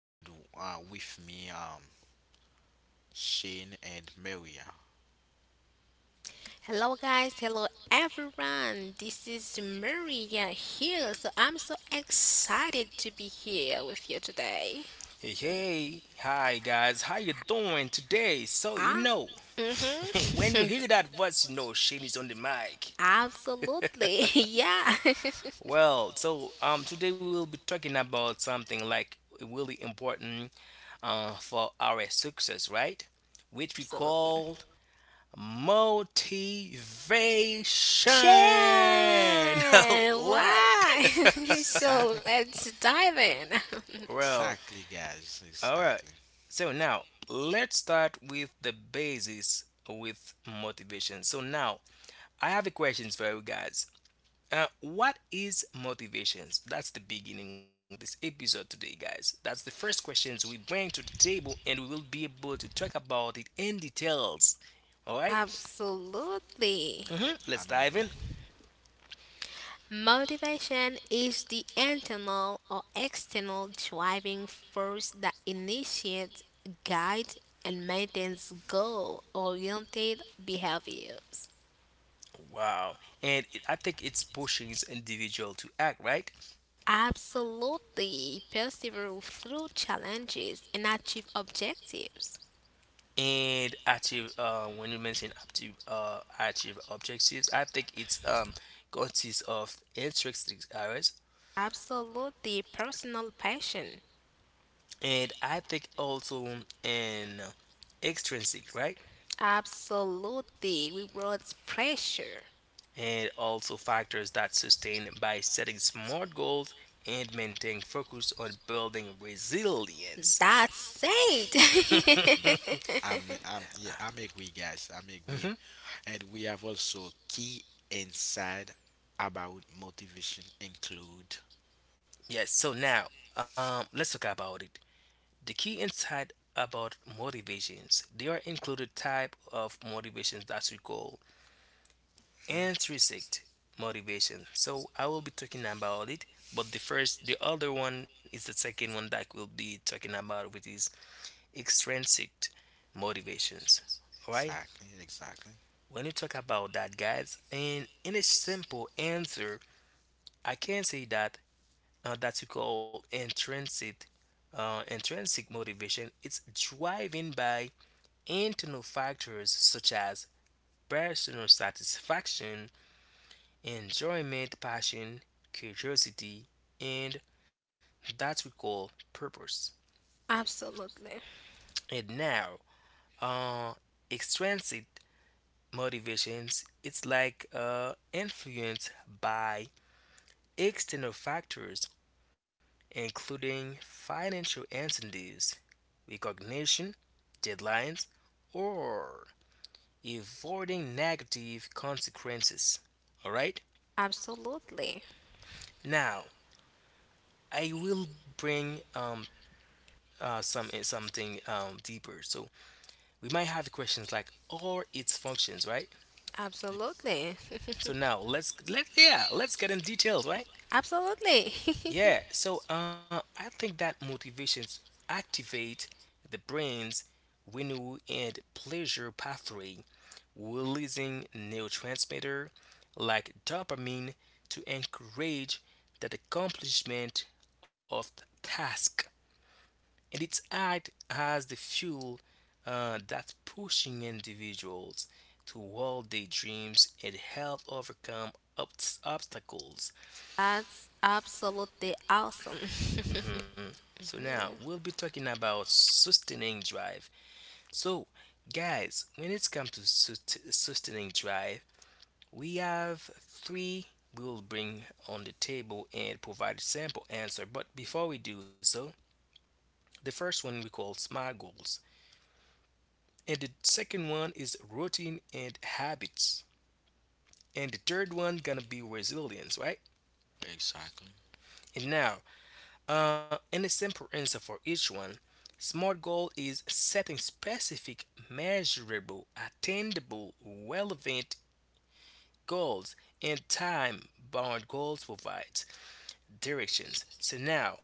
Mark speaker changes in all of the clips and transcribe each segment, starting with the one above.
Speaker 1: and with me, Shane and Maria.
Speaker 2: Hello, guys. Hello, everyone. This is Maria here. So, I'm so excited to be here with you today.
Speaker 3: Hey, hey, hi guys, how you doing today? So you
Speaker 2: Ah,
Speaker 3: know, when you
Speaker 2: mm-hmm.
Speaker 3: hear that voice, you know Shane is on the mic.
Speaker 2: Absolutely. Yeah.
Speaker 3: Today we'll be talking about something like really important for our success, right? Which we
Speaker 2: Absolutely.
Speaker 3: call motivation.
Speaker 2: Share.
Speaker 3: All right.
Speaker 2: Right. So,
Speaker 1: Exact,
Speaker 2: let's dive in.
Speaker 3: well,
Speaker 1: exactly, guys.
Speaker 3: all right.
Speaker 1: Exactly.
Speaker 3: So now let's start with the basis with motivation. So now I have a question for you guys. What is motivations? That's the beginning of this episode today, guys. That's the first questions we bring to the table, and we will be able to talk about it in details. All right?
Speaker 2: Absolutely.
Speaker 3: Mhm. Let's
Speaker 1: I'm
Speaker 3: dive in.
Speaker 1: agree.
Speaker 2: Motivation is the internal or external driving force that initiates, guides, and maintains goal oriented behaviors.
Speaker 3: Wow, and I think it's pushing individual to act, right?
Speaker 2: Absolutely, persevere through challenges and achieve objectives.
Speaker 3: And active when you mention active achieve objectives I think it's consists of intrinsic areas,
Speaker 2: Absolutely, personal passion.
Speaker 3: and I think also an extrinsic, right.
Speaker 2: Absolutely, rewards pressure.
Speaker 3: And also factors that sustain by setting smart goals and maintaining focus on building resilience.
Speaker 2: That's it.
Speaker 1: I'm agree, guys. I'm agree.
Speaker 3: Mhm.
Speaker 1: And we have also key inside about motivation include.
Speaker 3: Yes, so now let's talk about it. The key insight about motivations. There are included type of motivations that we call
Speaker 1: Mhm.
Speaker 3: intrinsic motivation. So I will be talking about it. But the first, the other one is the second one that we'll be talking about, which is extrinsic motivations. All right.
Speaker 1: Exactly. Exactly.
Speaker 3: When you talk about that, guys, and in a simple answer, I can say that that we call intrinsic intrinsic motivation. It's driven by internal factors such as personal satisfaction, enjoyment, passion, curiosity, and that we call purpose.
Speaker 2: Absolutely.
Speaker 3: And now, uh, extrinsic motivations, it's like influenced by external factors including financial incentives, recognition, deadlines, or avoiding negative consequences. All right?
Speaker 2: Absolutely.
Speaker 3: Now, I will bring some something deeper. So we might have questions like or its functions, right?
Speaker 2: Absolutely.
Speaker 3: So now let's let yeah, let's get in details, right?
Speaker 2: Absolutely.
Speaker 3: Yeah. So I think that motivations activate the brain's window and pleasure pathway, releasing neurotransmitter like dopamine to encourage that accomplishment of the task, and it's act as the fuel that's pushing individuals toward their dreams and help overcome obstacles.
Speaker 2: That's absolutely awesome.
Speaker 3: So now we'll be talking about sustaining drive. So guys, when it comes to sustaining drive, we have three, we'll bring on the table and provide a sample answer. But before we do so, the first one we call SMART goals. And the second one is routine and habits. And the third one gonna be resilience, right.
Speaker 1: Exactly.
Speaker 3: And now and a simple answer for each one, smart goal is setting specific, measurable, attainable, relevant goals, and time bound goals provides directions. So now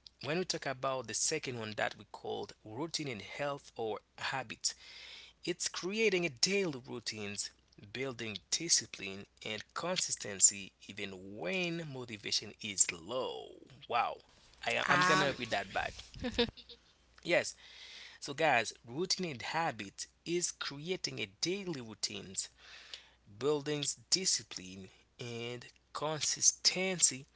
Speaker 3: when we talk about the second one that we called routine in health or habit, it's creating a daily routines, building discipline and consistency even when motivation is low. Wow. I'm gonna
Speaker 2: um,
Speaker 3: read that
Speaker 1: Exactly.
Speaker 3: back. Yes, so guys, routine and habit is creating a daily routines, building discipline and consistency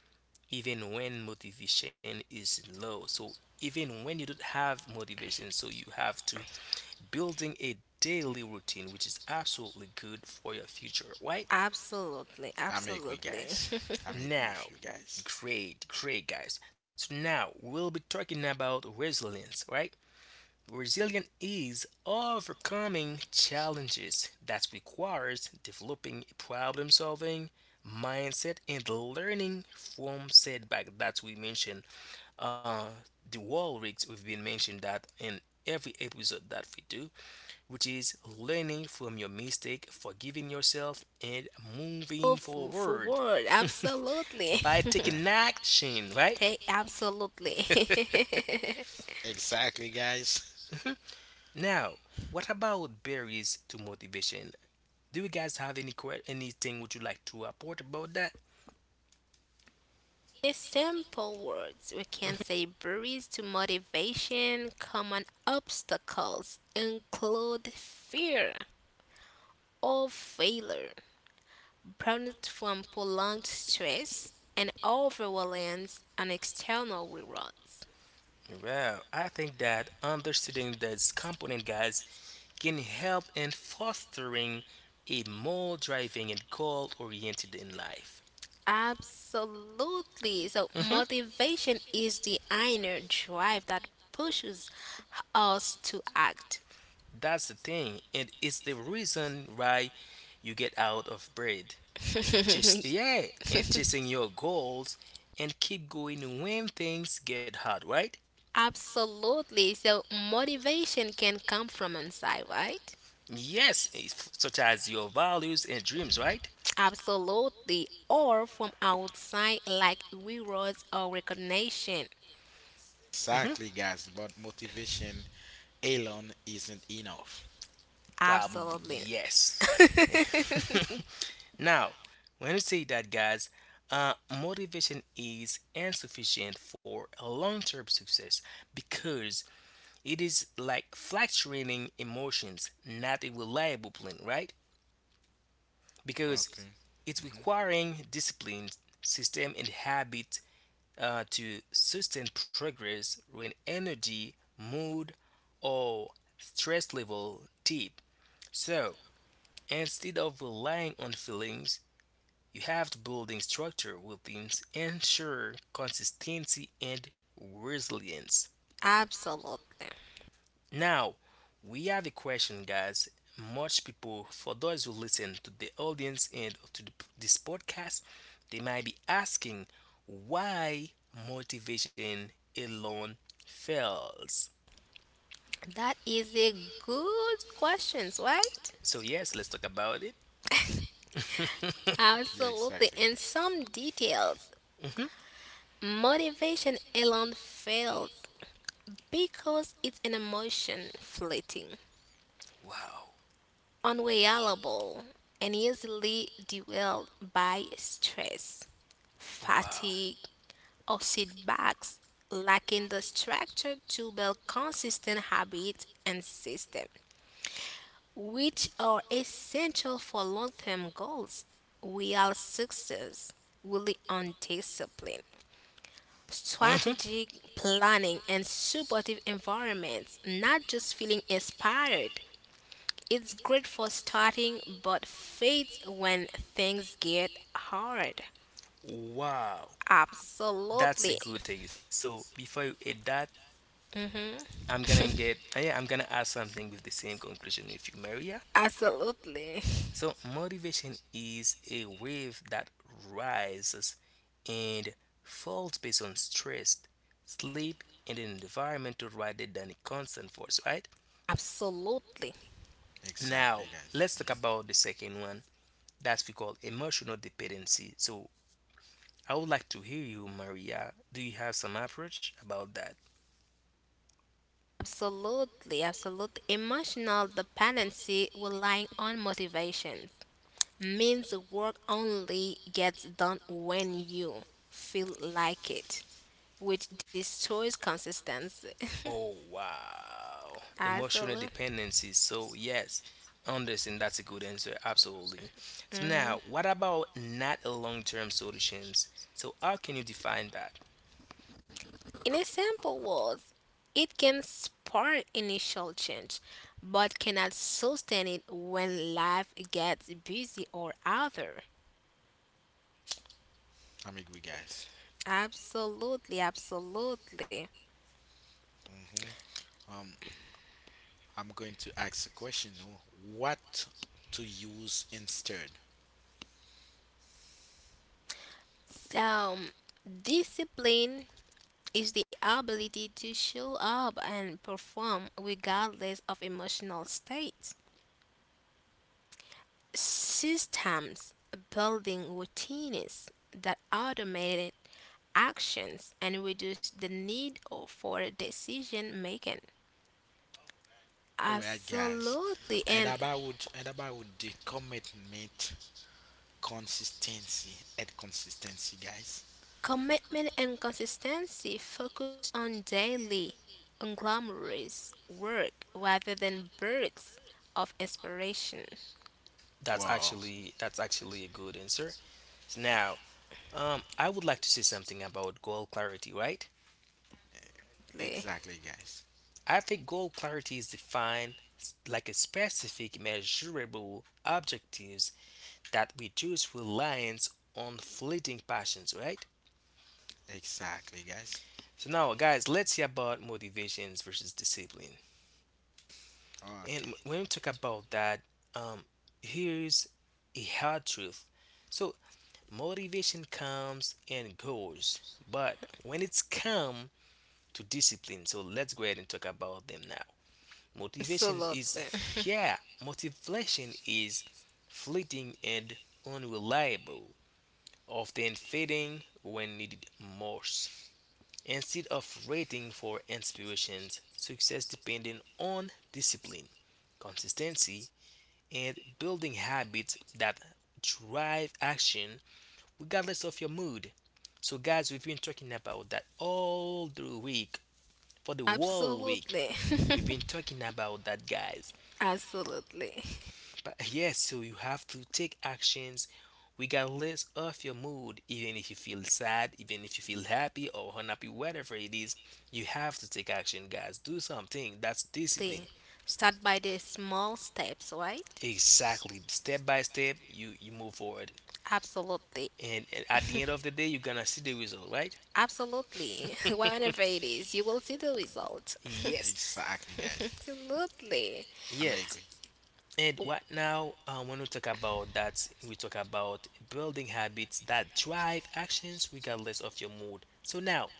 Speaker 3: even when motivation is low. So even when you don't have motivation, so you have to building a daily routine, which is absolutely good for your future, right.
Speaker 2: Absolutely.
Speaker 1: I'm agree,
Speaker 2: Absolutely.
Speaker 1: guys. I'm agree with
Speaker 3: Now,
Speaker 1: you guys.
Speaker 3: great, great guys, so now we'll be talking about resilience, right. Resilience is overcoming challenges that requires developing a problem solving mindset and learning from setback that we mentioned, uh the wall rigs we've been mentioned that in every episode that we do, which is learning from your mistake, forgiving yourself, and moving
Speaker 2: Move
Speaker 3: forward
Speaker 2: forward. Absolutely.
Speaker 3: by
Speaker 1: Yeah.
Speaker 3: taking action, right?
Speaker 2: Take absolutely.
Speaker 1: Exactly, guys.
Speaker 3: Now, what about barriers to motivation? Do you guys have any anything would you like to report about that?
Speaker 2: In simple words, we can say barriers to motivation, common obstacles include fear of failure, prominent from prolonged stress and overreliance on external rewards.
Speaker 3: Well, I think that understanding this component, guys, can help in fostering a more driving and goal-oriented in life.
Speaker 2: Absolutely. So,
Speaker 3: Hmm.
Speaker 2: motivation is the inner drive that pushes us to act.
Speaker 3: That's the thing. It is the reason why you get out of bed. Just yeah, and chasing your goals and keep going when things get hard, right?
Speaker 2: Absolutely. So, motivation can come from inside, right?
Speaker 3: Yes, such as your values and dreams, right?
Speaker 2: Absolutely. Or from outside, like rewards or recognition.
Speaker 3: Hmm.
Speaker 1: Exactly, guys, but motivation alone isn't enough.
Speaker 3: Probably
Speaker 2: Absolutely.
Speaker 3: yes. Now, when you say that, guys, uh, motivation is insufficient for a long-term success because it is like fluctuating emotions, not a reliable plan, right? Because
Speaker 1: Okay.
Speaker 3: it's
Speaker 1: Hmm.
Speaker 3: requiring discipline, system, and habit to sustain progress when energy, mood, or stress level dip. So instead of relying on feelings, you have to building structure will things ensure consistency and resilience.
Speaker 2: Absolutely.
Speaker 3: Now, we have a question, guys. Much people, for those who listen to the audience and this podcast, they might be asking why motivation alone fails.
Speaker 2: That is a good question, right?
Speaker 3: So, yes, let's talk about it.
Speaker 1: Yeah,
Speaker 2: Absolutely.
Speaker 1: exactly.
Speaker 2: And some details.
Speaker 3: Mhm.
Speaker 2: Motivation alone fails because it's an emotion fleeting,
Speaker 3: Wow,
Speaker 2: unreliable, and easily derailed by stress,
Speaker 3: wow.
Speaker 2: fatigue, or setbacks, lacking the structure to build consistent habits and system, which are essential for long term goals. Real success really on discipline,
Speaker 3: Mhm.
Speaker 2: strategic planning, and supportive environments, not just feeling inspired. It's great for starting, but fades when things get hard.
Speaker 3: Wow, that's a
Speaker 2: Absolutely.
Speaker 3: good thing. So before you add that,
Speaker 2: Hmm.
Speaker 3: I'm gonna get yeah, I'm gonna add something with the same conclusion with you, Maria.
Speaker 2: Absolutely.
Speaker 3: So motivation is a wave that rises and falls based on stress, sleep, and an environmental rather than a constant force, right?
Speaker 2: Absolutely.
Speaker 1: Exactly,
Speaker 3: Now
Speaker 1: guys.
Speaker 3: let's talk
Speaker 1: Hmm.
Speaker 3: about the second one. That's we call emotional dependency. So I would like to hear you, Maria. Do you have some approach about that?
Speaker 2: Absolutely, absolutely. Emotional dependency relying on motivation means work only gets done when you feel like it, which destroys consistency.
Speaker 3: Oh wow. Emotional
Speaker 2: Absolutely.
Speaker 3: dependency. So yes, understand that's a good answer. Absolutely. So
Speaker 2: hmm
Speaker 3: now what about not a long term solutions? So how can you define that?
Speaker 2: In a simple words, it can spark initial change, but cannot sustain it when life gets busy or other.
Speaker 1: I'm agree, guys.
Speaker 2: Absolutely, absolutely.
Speaker 1: Hmm Um, I'm going to ask a question. What to use instead?
Speaker 2: Um, Discipline is the ability to show up and perform regardless of emotional states. Systems, building routines that automate actions and reduce the need for decision making.
Speaker 1: All right, guys.
Speaker 2: Absolutely.
Speaker 1: And
Speaker 2: And
Speaker 1: about and about the commitment, consistency, guys.
Speaker 2: commitment and consistency focus on daily, unglamorous work rather than bursts of inspiration.
Speaker 1: Wow.
Speaker 3: That's actually a good answer. So now I would like to say something about goal clarity, right?
Speaker 1: Exactly, guys.
Speaker 3: I think goal clarity is defined like a specific measurable objectives that reduce reliance on fleeting passions, right?
Speaker 1: Exactly, guys.
Speaker 3: So now, guys, let's see about motivations versus discipline. And
Speaker 1: Okay.
Speaker 3: when we talk about that, um, here's a hard truth. So motivation comes and goes, but when it's come to discipline, so let's go ahead and talk about them now. Motivation is,
Speaker 2: Absolutely.
Speaker 3: yeah, motivation is fleeting and unreliable, often fading when needed most. Instead of waiting for inspirations, success depending on discipline, consistency, and building habits that drive action regardless of your mood. So, guys, we've been talking about that all the week for the whole week.
Speaker 2: Absolutely.
Speaker 3: We've been
Speaker 2: Absolutely.
Speaker 3: talking about that, guys.
Speaker 2: Absolutely.
Speaker 3: But yes, so you have to take actions regardless of your mood, even if you feel sad, even if you feel happy or unhappy, whatever it is, you have to take action, guys. Do something. That's discipline.
Speaker 2: Lee, start by the small steps, right?
Speaker 3: Exactly. Step by step, you move forward,
Speaker 2: Absolutely.
Speaker 3: and at the end of the day, you're gonna see the result, right?
Speaker 2: Absolutely. Whatever it is, you will see the result.
Speaker 3: Yes,
Speaker 1: Exactly, guys.
Speaker 2: Absolutely.
Speaker 1: I'm
Speaker 3: yes.
Speaker 1: agree.
Speaker 3: And right now, when we talk about that, we talk about building habits that drive actions regardless of your mood. So now,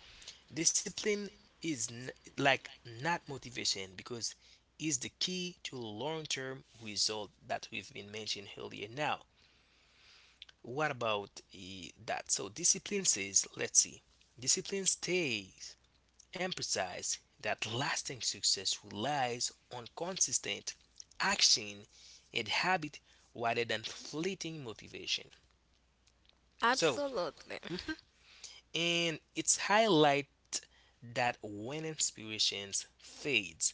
Speaker 3: discipline is like not motivation because is the key to long-term result that we've been mentioning earlier. Now, what about that? So discipline says, let's see, discipline stays emphasized that lasting success relies on consistent action and habit rather than fleeting motivation. So,
Speaker 2: Absolutely.
Speaker 3: and it's highlight that when inspiration fades,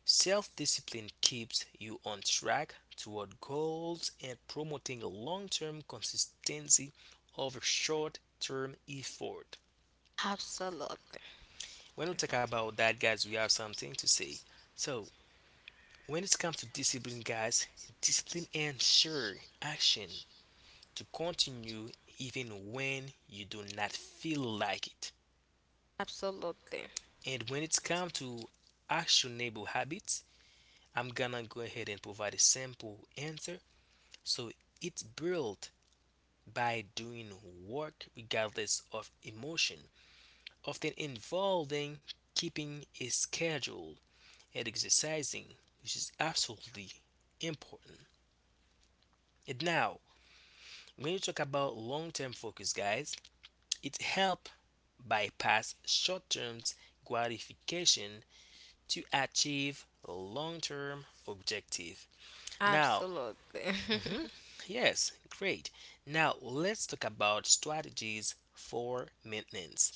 Speaker 3: self-discipline keeps you on track toward goals and promoting long-term consistency over short-term effort.
Speaker 2: Absolutely.
Speaker 3: When we talk about that, guys, we have something to say. So, when it comes to discipline, guys, discipline ensures action to continue even when you do not feel like it.
Speaker 2: Absolutely.
Speaker 3: And when it comes to actionable habits, I'm gonna go ahead and provide a simple answer. So it's built by doing work regardless of emotion, often involving keeping a schedule and exercising, which is absolutely important. And now, when you talk about long-term focus, guys, it helps bypass short-term gratification to achieve long-term objective. Now,
Speaker 2: Absolutely.
Speaker 3: mhm, yes, great. Now let's talk about strategies for maintenance.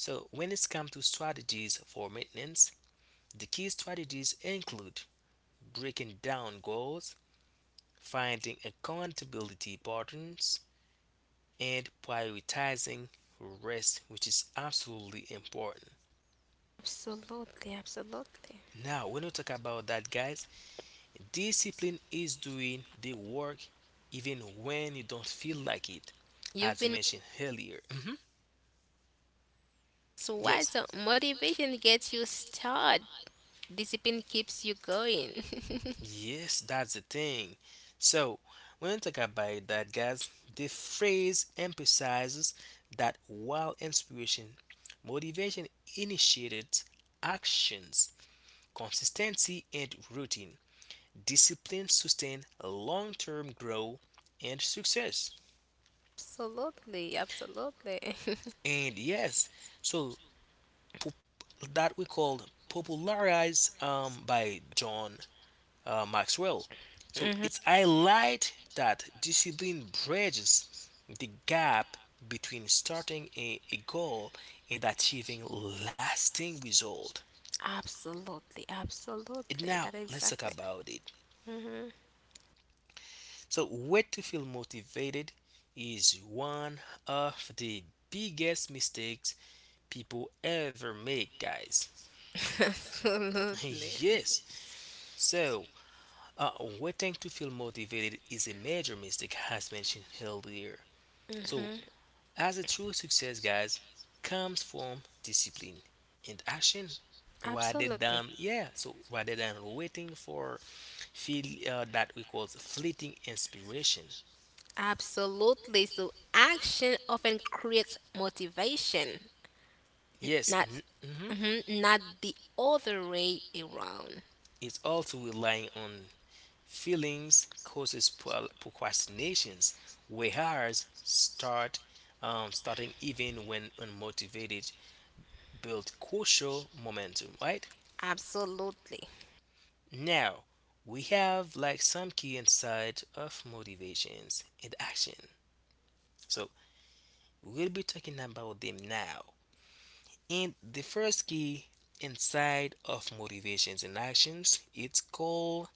Speaker 3: So when it comes to strategies for maintenance, the key strategies include breaking down goals, finding accountability patterns, and prioritizing rest, which is absolutely important.
Speaker 2: Absolutely. Absolutely.
Speaker 3: Now, when we talk about that, guys, discipline is doing the work even when you don't feel like it,
Speaker 2: You've
Speaker 3: as we
Speaker 2: been
Speaker 3: mentioned earlier. Mhm,
Speaker 2: so wise.
Speaker 3: yes,
Speaker 2: So motivation gets you started. Discipline keeps you going.
Speaker 3: yes, that's the thing. So, when you talk about that, guys, the phrase emphasizes that while inspiration, motivation initiated actions, consistency, and routine, discipline sustain long term growth and success.
Speaker 2: Absolutely, absolutely.
Speaker 3: And yes, so pop- that we called popularized by John Maxwell. So
Speaker 2: Hmm.
Speaker 3: it's highlight that discipline bridges the gap between starting a goal and achieving lasting result.
Speaker 2: Absolutely,
Speaker 3: And
Speaker 2: absolutely.
Speaker 3: now
Speaker 2: That
Speaker 3: let's talk
Speaker 2: exactly.
Speaker 3: about it.
Speaker 2: hmm
Speaker 3: So way to feel motivated is one of the biggest mistakes people ever make, guys.
Speaker 2: Absolutely.
Speaker 3: Yes. So uh, waiting to feel motivated is a major mistake as mentioned earlier. So
Speaker 2: hmm
Speaker 3: as a true success, guys, comes from discipline and action rather than
Speaker 2: Absolutely.
Speaker 3: yeah so rather than waiting for feel that we call fleeting inspiration.
Speaker 2: Absolutely. So action often creates motivation,
Speaker 3: Yes,
Speaker 2: not
Speaker 3: mhm.
Speaker 2: mhm, not the other way around.
Speaker 3: It's also relying on feelings causes procrastinations, whereas starting even when unmotivated build crucial momentum, right.
Speaker 2: Absolutely.
Speaker 3: Now, we have like some key inside of motivations and action. So, we'll be talking about them now. And the first key inside of motivations and actions, it's called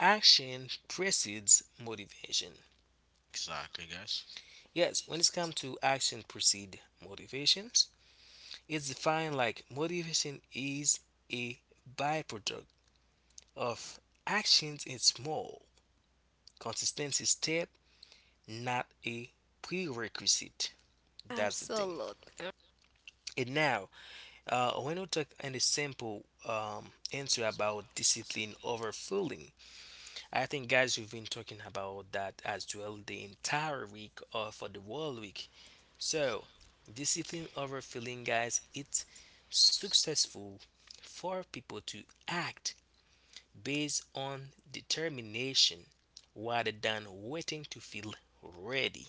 Speaker 3: action precedes motivation.
Speaker 1: Exactly, guys.
Speaker 3: Yes, when it's come to action precede motivations, it's defined like motivation is a byproduct of actions in small, consistency step not a prerequisite. That's the thing.
Speaker 2: Absolutely.
Speaker 3: And now, when we talk in the simple answer about discipline over fooling, I think guys, we've been talking about that as well the entire week or for the whole week. So, discipline over fooling, guys, it's successful for people to act based on determination rather than waiting to feel ready.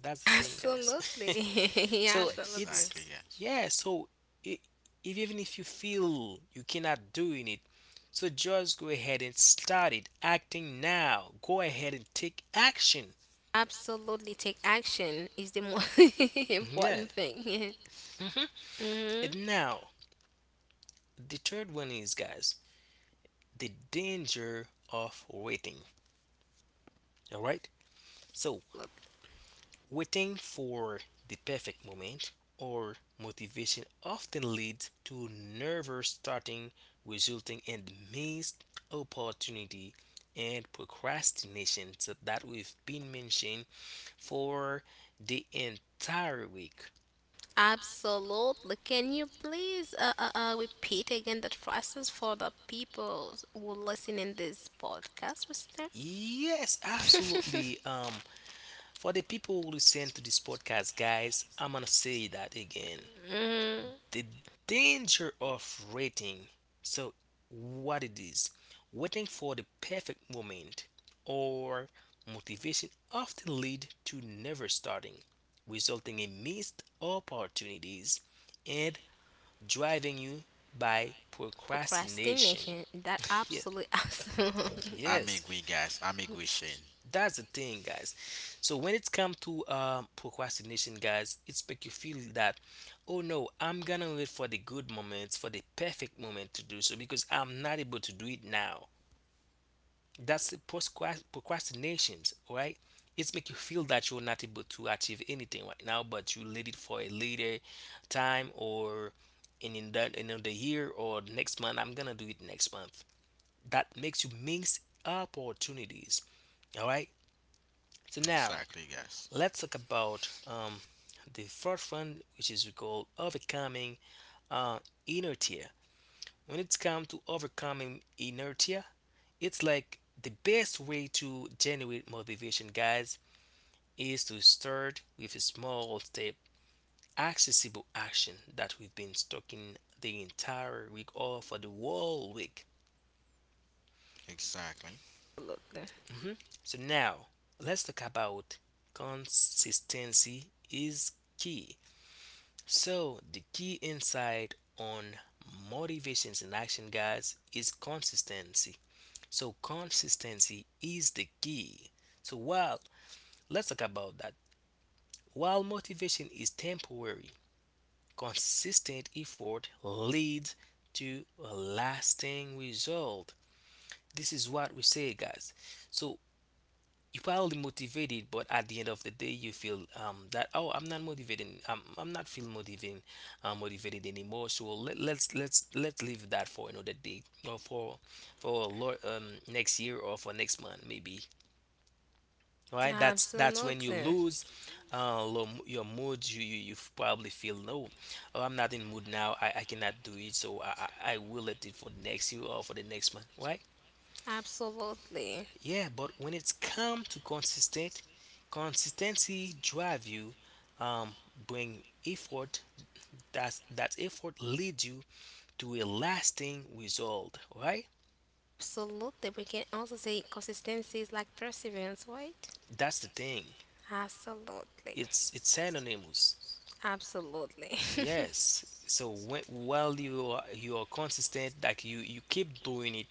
Speaker 3: That's the thing, guys.
Speaker 2: Absolutely. Yeah,
Speaker 3: So
Speaker 2: absolutely.
Speaker 3: it's
Speaker 1: Exactly, guys.
Speaker 3: yeah. So I if, even if you feel you cannot doing it, so just go ahead and start it. Acting now. Go ahead and take action.
Speaker 2: Absolutely, take action is the most
Speaker 3: Yeah.
Speaker 2: important thing.
Speaker 3: Hmm.
Speaker 2: hmm
Speaker 3: And now the third one is guys the danger of waiting. All right. So waiting for the perfect moment or motivation often leads to nervous starting, resulting in missed opportunity and procrastination so that we've been mentioning for the entire week.
Speaker 2: Absolutely. Can you please repeat again that process for the people who listen in this podcast, listener?
Speaker 3: Yes, absolutely. For the people who listen to this podcast, guys, I'm gonna say that again.
Speaker 2: Mm,
Speaker 3: The danger of waiting. So, what it is waiting for the perfect moment or motivation often lead to never starting, resulting in missed opportunities and driving you by procrastination.
Speaker 2: procrastination. That
Speaker 3: Yes,
Speaker 2: absolutely, absolutely,
Speaker 1: I'm
Speaker 3: yes.
Speaker 1: agree, guys. I'm agree, Shane.
Speaker 3: That's the thing, guys. So when it's come to procrastination, guys, it's make you feel that, oh no, I'm gonna wait for the good moments, for the perfect moment to do so because I'm not able to do it now. That's the procrastinations, right? It's make you feel that you're not able to achieve anything right now, but you let it for a later time or in the in year or next month. I'm gonna do it next month. That makes you miss opportunities. All right. So now.
Speaker 1: Exactly, guys.
Speaker 3: Let's talk about the first one, which is we call overcoming uh, inertia. When it's come to overcoming inertia, it's like the best way to generate motivation, guys, is to start with a small step, accessible action that we've been talking the entire week or for the whole week.
Speaker 1: Exactly.
Speaker 3: So now let's talk about consistency is key. So, the key insight on motivations and action, guys, is consistency. So, consistency is the key. So, while let's talk about that. While motivation is temporary, consistent effort leads to a lasting result. This is what we say, guys. So, you probably motivated, but at the end of the day, you feel that oh, I'm not motivating. I'm not feeling motivating, motivated anymore. So let's leave that for another day or for a next year or for next month maybe. Right? That's when you
Speaker 2: absolutely,
Speaker 3: lose your mood. You probably feel no, oh, I'm not in mood now. I cannot do it. So I will let it for next year or for the next month. Right?
Speaker 2: absolutely,
Speaker 3: Yeah, but when it's come to consistency drive you, um, bring effort. That effort leads you to a lasting result, right?
Speaker 2: absolutely. We can also say consistency is like perseverance, right?
Speaker 3: That's the thing.
Speaker 2: Absolutely,
Speaker 3: It's synonymous.
Speaker 2: absolutely,
Speaker 3: Yes. So when, while you are consistent, like you keep doing it,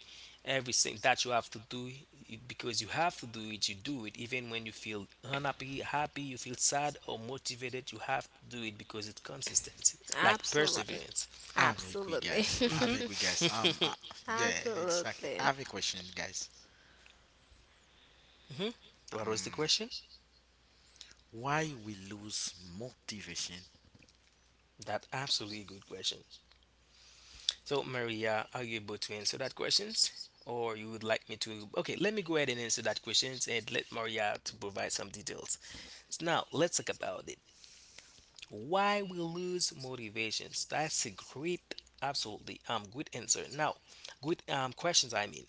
Speaker 3: everything that you have to do you- because you have to do it, you do it even when you feel unhappy, happy, you feel sad or motivated, you have to do it because it's consistency, like
Speaker 1: I,
Speaker 2: absolutely,
Speaker 3: perseverance.
Speaker 1: I'm agree,
Speaker 2: absolutely,
Speaker 1: guys. I'm
Speaker 3: Mhm.
Speaker 1: agree, guys. Yeah, exactly. I
Speaker 2: absolutely.
Speaker 1: have a question, guys.
Speaker 3: Mhm. What was the
Speaker 1: Um,
Speaker 3: question?
Speaker 1: why we lose motivation?
Speaker 3: That absolutely good question. So Maria, are you able to answer that questions? Or you would like me to? Okay, let me go ahead and answer that questions and let Maria to provide some details. So now let's talk about it. Why we lose motivations? That's a great, absolutely good answer. Now, good questions. I mean,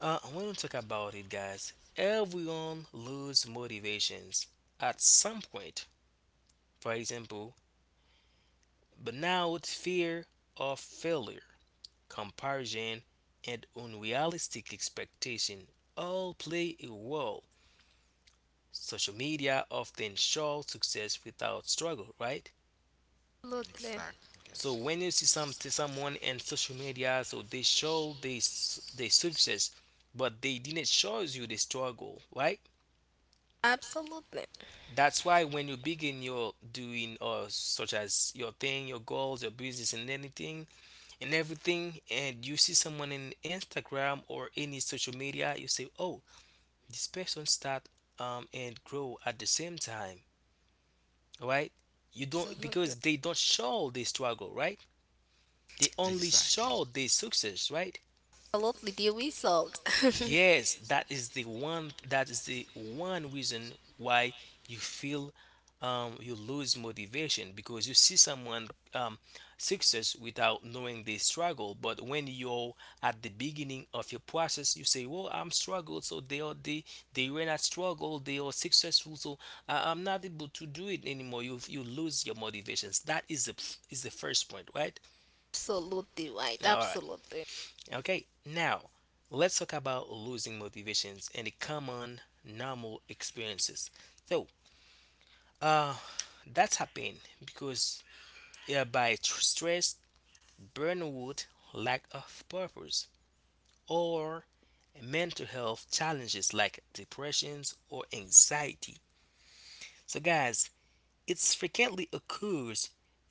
Speaker 3: I want to talk about it, guys. Everyone lose motivations at some point. For example, but now fear of failure, comparison, and unrealistic expectation all play a role. Social media often shows success without struggle, right?
Speaker 2: Absolutely.
Speaker 1: Exactly, guys.
Speaker 3: So when you see someone in social media, so they show this their success, but they didn't show you the struggle, right?
Speaker 2: Absolutely.
Speaker 3: That's why when you begin your doing or such as your thing, your goals, your business, and anything and everything, and you see someone in Instagram or any social media, you say, "Oh, this person start and grow at the same time," right? You don't
Speaker 2: Absolutely.
Speaker 3: because they don't show the struggle, right? They only
Speaker 1: Exactly.
Speaker 3: show the success, right?
Speaker 2: Absolutely. The result.
Speaker 3: Yes, that is the one reason why you feel you lose motivation because you see someone um, success without knowing they struggle. But when you're at the beginning of your process, you say, "Well, I'm struggled, so they are they were not struggle, they are successful, so I'm not able to do it anymore." You lose your motivations. That is the first point, right?
Speaker 2: Absolutely right.
Speaker 3: Now, all right.
Speaker 2: Absolutely.
Speaker 3: Okay, now let's talk about losing motivations and the common normal experiences. So, uh, that's happened because by stress, burnout, lack of purpose, or mental health challenges like depressions or anxiety. So, guys, it frequently occurs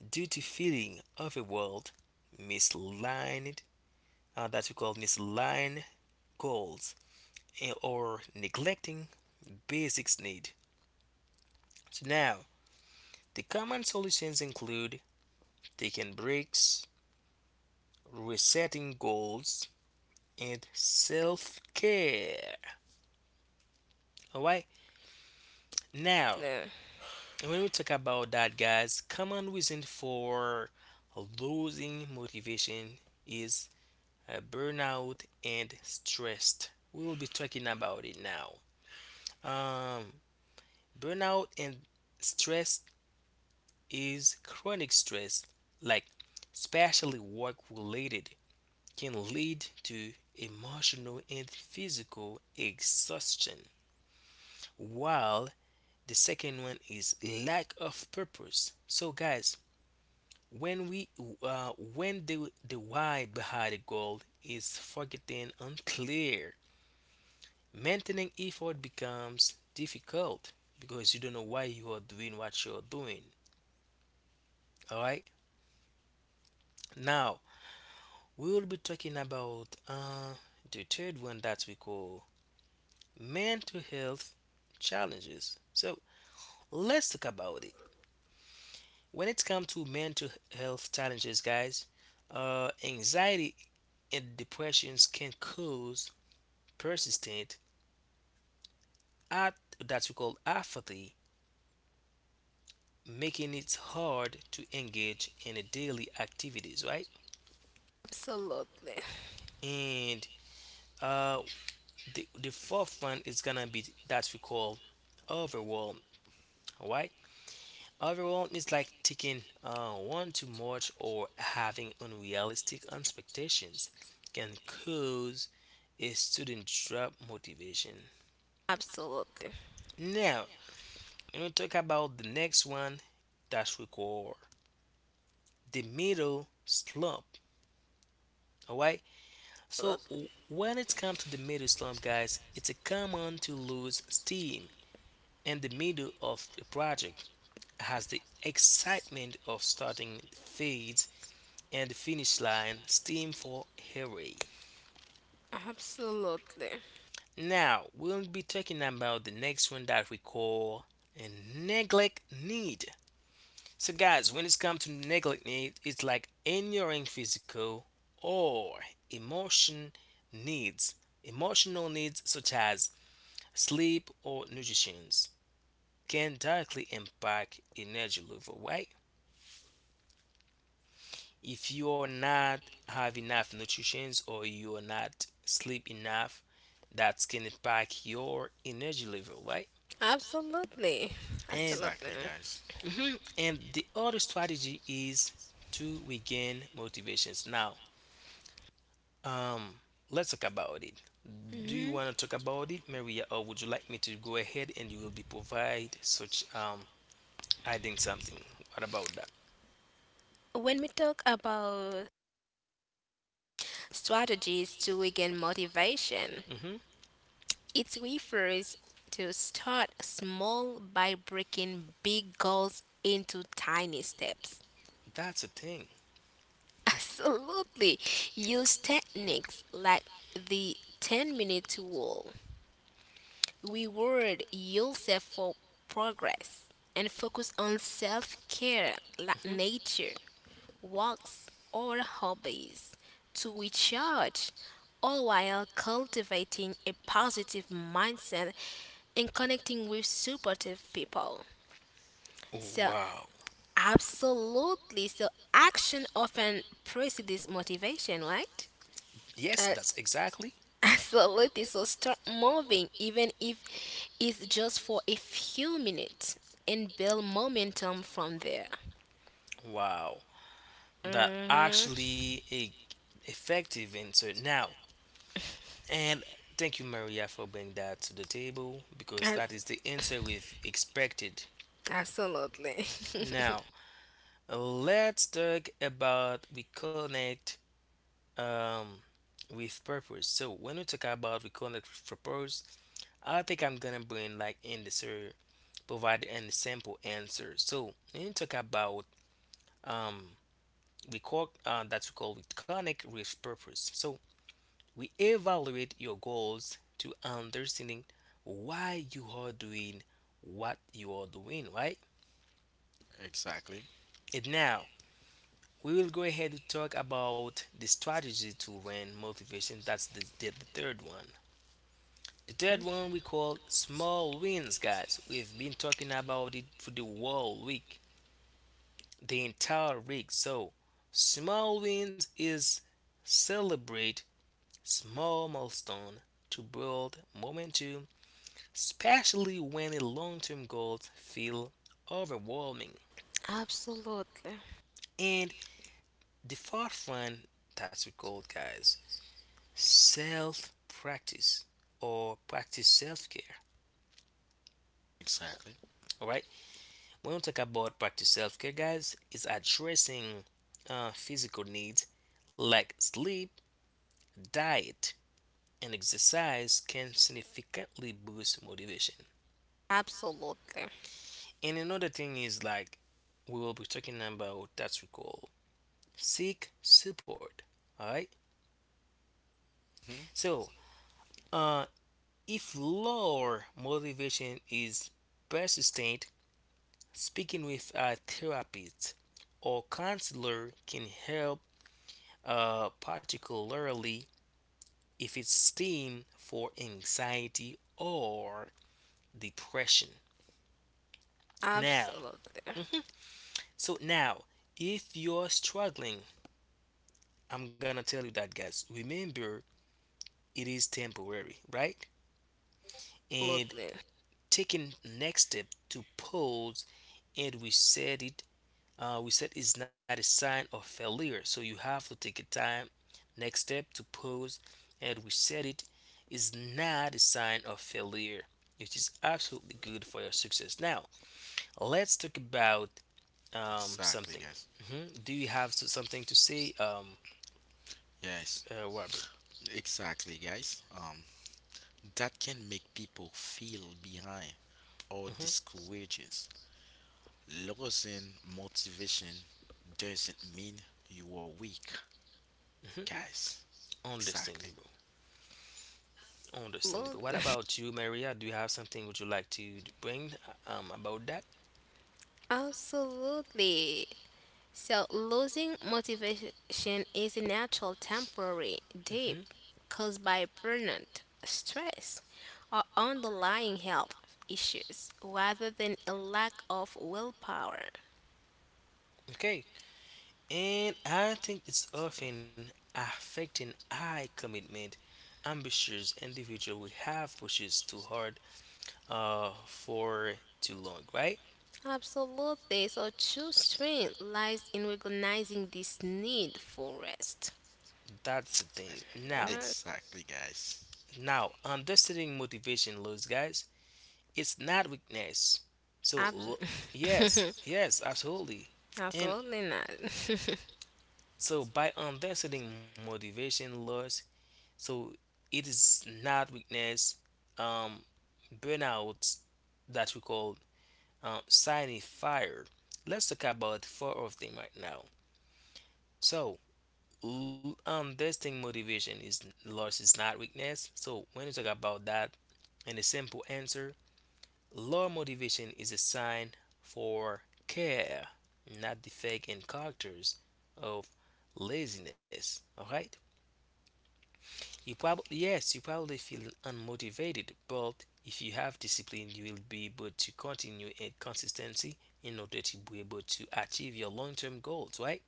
Speaker 3: due to feeling overwhelmed, misaligned, that we call misaligned goals, or neglecting basics need. So now, the common solutions include taking breaks, resetting goals, and self-care. All right? Now,
Speaker 2: Yeah.
Speaker 3: when we talk about that, guys, common reason for losing motivation is burnout and stress. We will be talking about it now. Um, Burnout and stress is chronic stress, like especially work related, can lead to emotional and physical exhaustion. While the second one is lack of purpose. So, guys, when we when the why behind the goal is forgotten unclear, maintaining effort becomes difficult because you don't know why you are doing what you're doing. All right, now we will be talking about the third one that we call mental health challenges. So let's talk about it. When it comes to mental health challenges, guys, anxiety and depressions can cause persistent at that we call apathy, making it hard to engage in the daily activities, right?
Speaker 2: Absolutely.
Speaker 3: And uh, the fourth one is gonna be that we call overwhelm, right? Overwhelm is like taking one too much or having unrealistic expectations can cause a student drop motivation.
Speaker 2: Absolutely.
Speaker 3: Now, when we talk about the next one, that's record the middle slump. All right. So
Speaker 2: Absolut-
Speaker 3: when it comes to the middle slump, guys, it's a common to lose steam in the middle of a project as the excitement of starting fades and the finish line steam for hurry.
Speaker 2: Absolutely.
Speaker 3: Now we'll be talking about the next one that we call a neglect need. So guys, when it's come to neglect need, it's like ignoring physical or emotion needs. Emotional needs such as sleep or nutrition can directly impact energy level, right? If you're not have enough nutrition or you're not sleep enough, that's can impact your energy level, right?
Speaker 2: Absolutely.
Speaker 3: And
Speaker 2: Absolutely.
Speaker 1: Exactly, guys.
Speaker 3: mhm, and the other strategy is to regain motivations now, um let's talk about it. Do you
Speaker 2: hmm
Speaker 3: want to talk about it, Maria, or would you like me to go ahead and you will be provide such adding something, what about that?
Speaker 2: When we talk about strategies to regain motivation,
Speaker 3: Hmm.
Speaker 2: it refers to start small by breaking big goals into tiny steps.
Speaker 3: That's a thing.
Speaker 2: Absolutely. Use techniques like the 10-minute rule. Reward yourself for progress and focus on self care like nature, walks, or hobbies to recharge, all while cultivating a positive mindset and connecting with supportive people.
Speaker 3: Oh,
Speaker 2: So,
Speaker 3: wow.
Speaker 2: absolutely. So, action often precedes motivation, right?
Speaker 3: Yes,
Speaker 2: Uh,
Speaker 3: that's exactly.
Speaker 2: Absolutely. So start moving, even if it's just for a few minutes, and build momentum from there.
Speaker 3: Wow, that
Speaker 2: Mm-hmm.
Speaker 3: actually a effective answer now. And thank you, Maria, for bringing that to the table because that is the answer we've expected.
Speaker 2: Absolutely.
Speaker 3: Now, let's talk about reconnect um, with purpose. So, when we talk about reconnect with purpose, I think I'm gonna bring like in the answer, provide an sample answer. So, when you talk about um, we call that we call with connect with purpose. So we evaluate your goals to understanding why you are doing what you are doing, right?
Speaker 1: Exactly.
Speaker 3: And now we will go ahead to talk about the strategy to win motivation. That's the third one. The third one we call small wins, guys. We've been talking about it for the whole week, the entire week. So small wins is celebrate small milestone to build momentum, especially when the long-term goals feel overwhelming.
Speaker 2: Absolutely.
Speaker 3: And the fourth one that's what we call guys self practice or practice self-care.
Speaker 1: Exactly.
Speaker 3: All right, when we talk about practice self-care, guys, it's addressing physical needs like sleep, diet, and exercise can significantly boost motivation.
Speaker 2: Absolutely. Absolutely.
Speaker 3: And another thing is like we will be talking about that's we call seek support. Alright?
Speaker 1: Hmm?
Speaker 3: So uh if lower motivation is persistent, speaking with a therapist or counselor can help particularly if it's stemmed for anxiety or depression. Now,
Speaker 2: Absolutely.
Speaker 3: so now if you're struggling, I'm gonna tell you that guys. Remember it is temporary, right? And taking next step to pause and we said it, we said it's not a sign of failure. So you have to take a time. Next step to pause and we said it is not a sign of failure, which is absolutely good for your success. Now let's talk about
Speaker 1: Exactly,
Speaker 3: something.
Speaker 1: guys.
Speaker 3: Mhm. Do you have something to say,
Speaker 1: Yes.
Speaker 3: Robert?
Speaker 1: Exactly, guys. That can make people feel behind or
Speaker 3: Hmm.
Speaker 1: discourages. Losing motivation doesn't mean you are weak,
Speaker 3: Hmm.
Speaker 1: guys. Exactly.
Speaker 3: Understandable. Understandable. What
Speaker 2: Absolutely.
Speaker 3: about you, Maria? Do you have something would you like to bring about that?
Speaker 2: Absolutely. So, losing motivation is a natural temporary
Speaker 3: hmm
Speaker 2: dip caused by burnout, stress, or underlying health issues rather than a lack of willpower.
Speaker 3: Okay. And I think it's often affecting high commitment, ambitious individual we have pushes too hard for too long, right?
Speaker 2: Absolutely. So, true strength lies in recognizing this need for rest.
Speaker 3: That's the thing. Now,
Speaker 2: Yes,
Speaker 1: Exactly, guys.
Speaker 3: now understanding motivation loss, guys. It's not weakness. So, l- yes,
Speaker 2: abs-
Speaker 3: yes, absolutely. And
Speaker 2: Absolutely not.
Speaker 3: so, by understanding motivation loss, so it is not weakness. Um, Burnout that we call signing fire. Let's talk about four of them right now. So, understanding motivation is loss is not weakness. So, when you talk about that, and the simple answer low motivation is a sign for care, not defect in characters of laziness. All right. You probably yes, you probably feel unmotivated, but if you have discipline, you will be able to continue in consistency in order to be able to achieve your long-term goals. Right.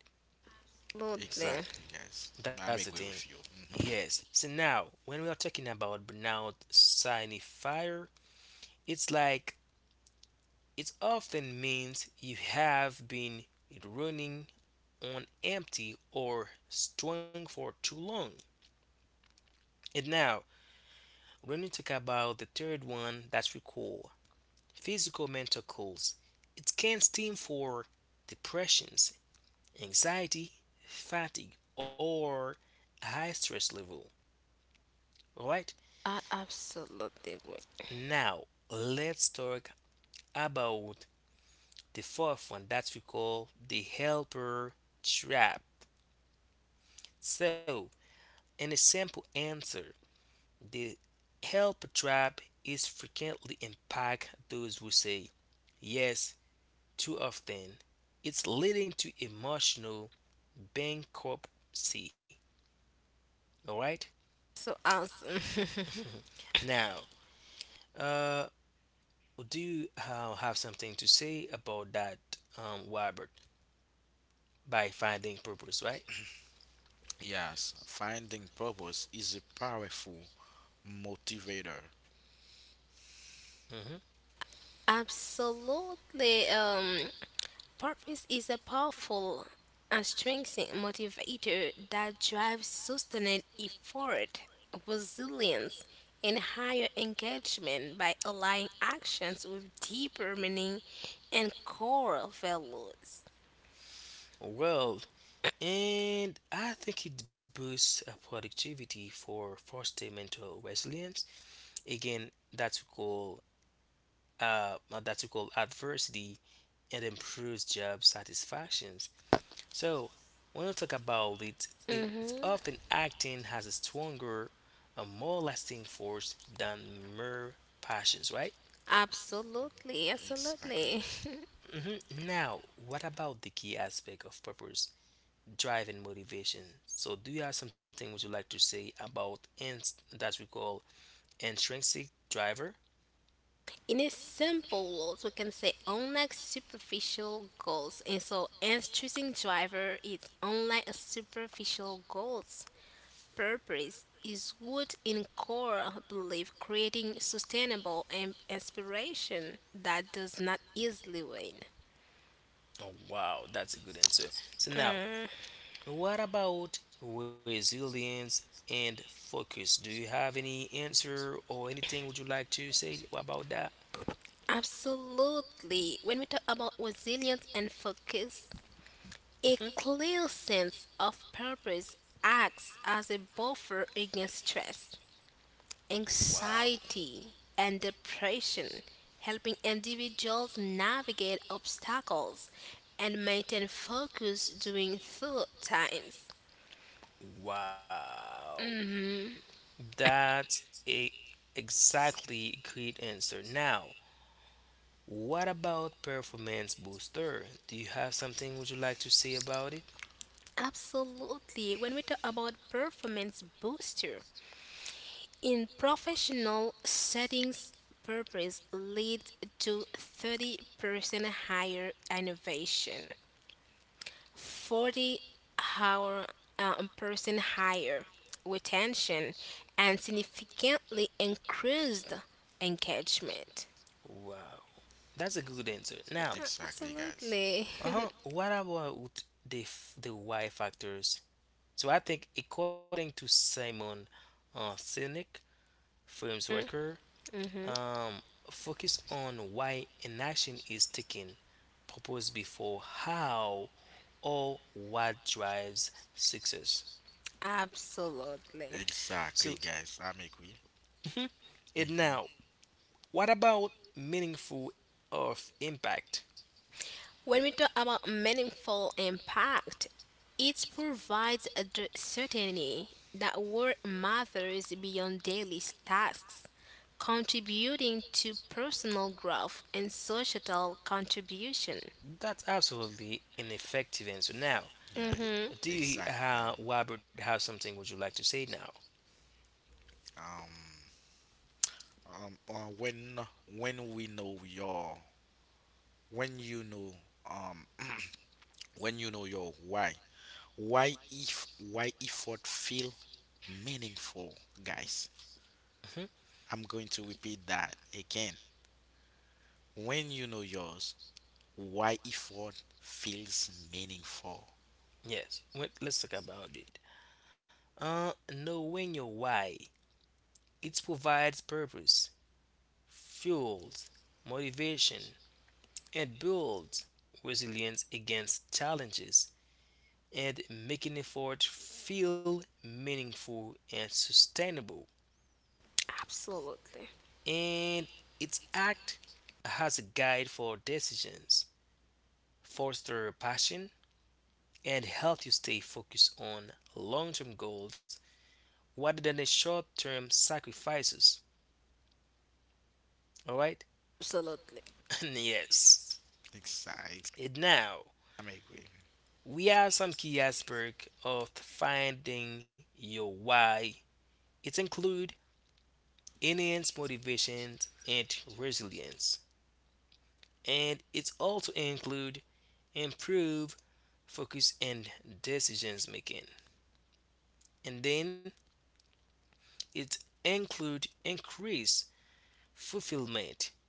Speaker 2: Absolutely.
Speaker 1: Exactly, guys.
Speaker 3: That's the
Speaker 1: I'm agree
Speaker 3: thing.
Speaker 1: with you. Mhm.
Speaker 3: Yes. So now, when we are talking about burnout signifier, it's like it often means you have been running on empty or string for too long. And now, when we talk about the third one, that we call physical mental goals. It can stem for depressions, anxiety, fatigue, or high stress level. All right.
Speaker 2: I absolutely agree.
Speaker 3: Now, let's talk about the fourth one that we call the helper trap. So, in a simple answer, the help trap is frequently impact those who say yes too often. It's leading to emotional bankruptcy. All right.
Speaker 2: So awesome.
Speaker 3: Now, uh, do you have something to say about that, Robert? By finding purpose, right?
Speaker 1: Yes, finding purpose is a powerful motivator.
Speaker 3: hmm
Speaker 2: Absolutely. Purpose is a powerful and strengthening motivator that drives sustained effort, resilience, and higher engagement by aligning actions with deeper meaning and core values.
Speaker 3: Well, and I think it boosts productivity for foster mental resilience again that we call that we call adversity and improves job satisfactions. So when we talk about it, it's often
Speaker 2: Mm-hmm.
Speaker 3: acting has a stronger, a more lasting force than mere passions, right?
Speaker 2: Absolutely,
Speaker 1: Exactly.
Speaker 2: absolutely.
Speaker 3: hmm Now, what about the key aspect of purpose, drive, and motivation? So, do you have something would you like to say about that we call intrinsic driver?
Speaker 2: In a simple words, we can say unlike superficial goals, and so and choosing driver is unlike a superficial goals. Purpose is rooted in core belief creating sustainable and inspiration that does not easily wane.
Speaker 3: Oh, wow, that's a good answer. So now,
Speaker 2: Mm,
Speaker 3: what about resilience and focus? Do you have any answer or anything would you like to say about that?
Speaker 2: absolutely. When we talk about resilience and focus, a
Speaker 3: Mhm.
Speaker 2: clear sense of purpose acts as a buffer against stress,
Speaker 3: Wow.
Speaker 2: anxiety, and depression, helping individuals navigate obstacles and maintain focus during tough times.
Speaker 3: Wow.
Speaker 2: Mhm.
Speaker 3: That's a exactly great answer. Now, what about performance booster? Do you have something would you like to say about it?
Speaker 2: Absolutely. When we talk about performance booster, in professional settings, purpose leads to 30% higher innovation, 40 hour percent higher retention, and significantly increased engagement.
Speaker 3: Wow, that's a good answer. Now,
Speaker 1: Exactly, guys.
Speaker 2: Absolutely.
Speaker 3: uh-huh, what about the why factors? So I think according to Simon Sinek, firm's worker,
Speaker 2: Mhm.
Speaker 3: um, focus on why an action is taken, propose before how or what drives success.
Speaker 2: Absolutely.
Speaker 3: So,
Speaker 1: Exactly, guys. I'm agree.
Speaker 3: and now,
Speaker 1: Mhm.
Speaker 3: what about meaningful of impact?
Speaker 2: When we talk about meaningful impact, it provides a certainty that work matters beyond daily tasks, contributing to personal growth and societal contribution.
Speaker 3: That's absolutely an effective answer. Now,
Speaker 2: Mm-hmm.
Speaker 3: do
Speaker 1: Yeah.
Speaker 3: you,
Speaker 1: Exactly.
Speaker 3: Robert, have something would you like to say now?
Speaker 1: Um, when we know your when you know um when you know your why if why effort feel meaningful guys
Speaker 3: hmm
Speaker 1: I'm going to repeat that again When you know yours, why effort feels meaningful.
Speaker 3: Yes. Wait, let's talk about it. Knowing your why, it provides purpose, fuels motivation, and builds resilience against challenges, and making effort feel meaningful and sustainable.
Speaker 2: Absolutely.
Speaker 3: And its act has a guide for decisions, foster passion, and help you stay focused on long term goals rather than the short term sacrifices. Alright?
Speaker 2: Absolutely.
Speaker 3: yes.
Speaker 1: Exactly.
Speaker 3: And now,
Speaker 1: I'm agree.
Speaker 3: we have some key aspects of finding your why. It includes enhanced motivation and resilience, and it also include improved focus and decisions making. And then it include increased fulfillment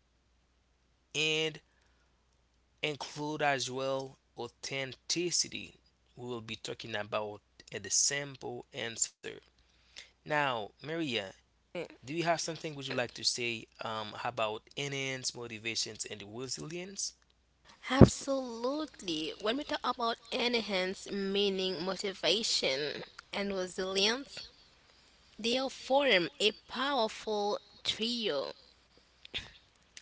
Speaker 3: and include as well authenticity. We will be talking about the simple answer. Now, Maria, do you have something would you like to say about NN's motivations and resilience?
Speaker 2: Absolutely. When we talk about enhance meaning, motivation, and resilience, they form a powerful trio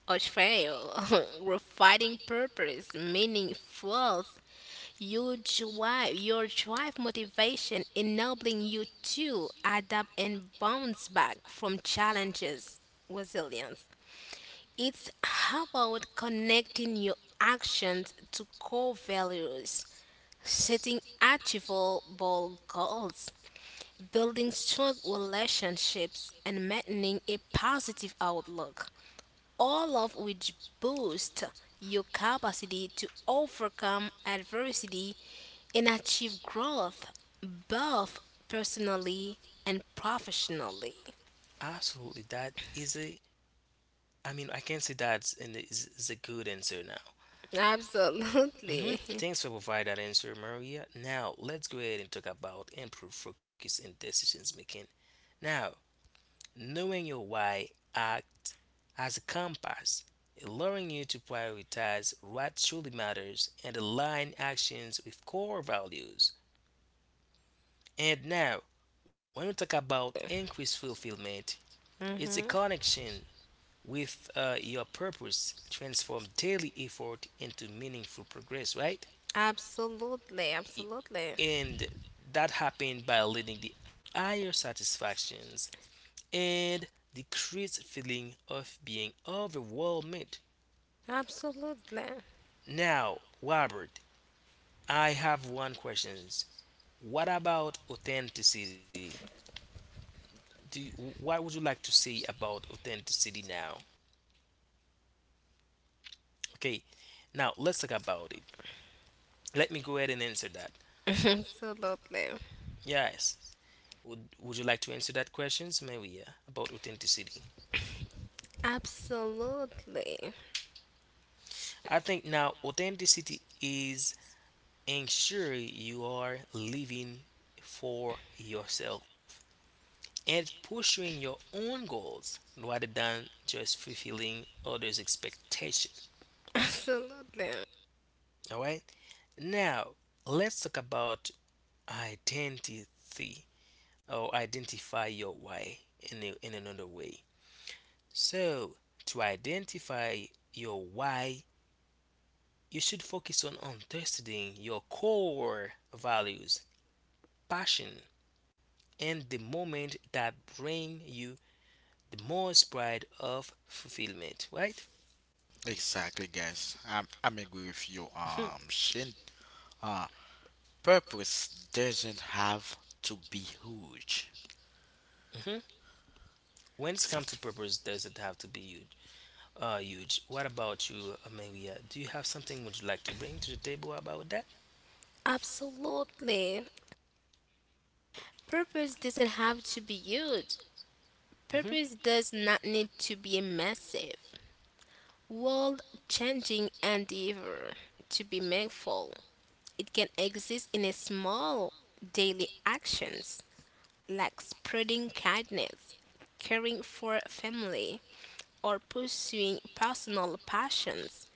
Speaker 2: Australia, refining purpose, meaning fuels your drive motivation, enabling you to adapt and bounce back from challenges. Resilience. It's about connecting your actions to core values, setting achievable goals, building strong relationships, and maintaining a positive outlook, all of which boost your capacity to overcome adversity and achieve growth, both personally and professionally.
Speaker 3: Absolutely, that is a. I mean, I can say that is a good answer now.
Speaker 2: Absolutely.
Speaker 3: Thanks for providing that answer, Maria. Now, let's go ahead and talk about improved focus and decisions making. Now, knowing your why uh, as a compass, allowing you to prioritize what truly matters and align actions with core values. And now, when we talk about increased fulfillment, it's a
Speaker 2: Hmm.
Speaker 3: connection with your purpose, transform daily effort into meaningful progress, right?
Speaker 2: Absolutely, absolutely.
Speaker 3: And that happened by leading the higher satisfactions and decreased feeling of being overwhelmed.
Speaker 2: Absolutely.
Speaker 3: Now, Robert, I have one question. What about authenticity? Do you, what would you like to say about authenticity now? Okay, now let's talk about it. Let me go ahead and answer that.
Speaker 2: Absolutely.
Speaker 3: Yes. Would you like to answer that questions? Maybe yeah, about authenticity.
Speaker 2: Absolutely.
Speaker 3: I think now authenticity is ensure you are living for yourself and pursuing your own goals rather than just fulfilling others' expectation.
Speaker 2: Absolutely.
Speaker 3: All right. Now, let's talk about identity or identify your why in, a, in another way. So, to identify your why, you should focus on understanding your core values, passion, and the moment that bring you the most pride of fulfillment, right?
Speaker 1: Exactly, guys. I'm agree with you, Shin. uh Purpose doesn't have to be huge.
Speaker 3: hmm When it comes to
Speaker 1: exactly
Speaker 3: purpose, does it have to be huge? Huge. What about you, Amelia? Do you have something would you like to bring to the table about that?
Speaker 2: Absolutely. Purpose doesn't have to be huge.
Speaker 3: hmm
Speaker 2: Purpose does not need to be massive, world changing endeavor to be meaningful. It can exist in a small daily actions like spreading kindness, caring for family, or pursuing personal passions.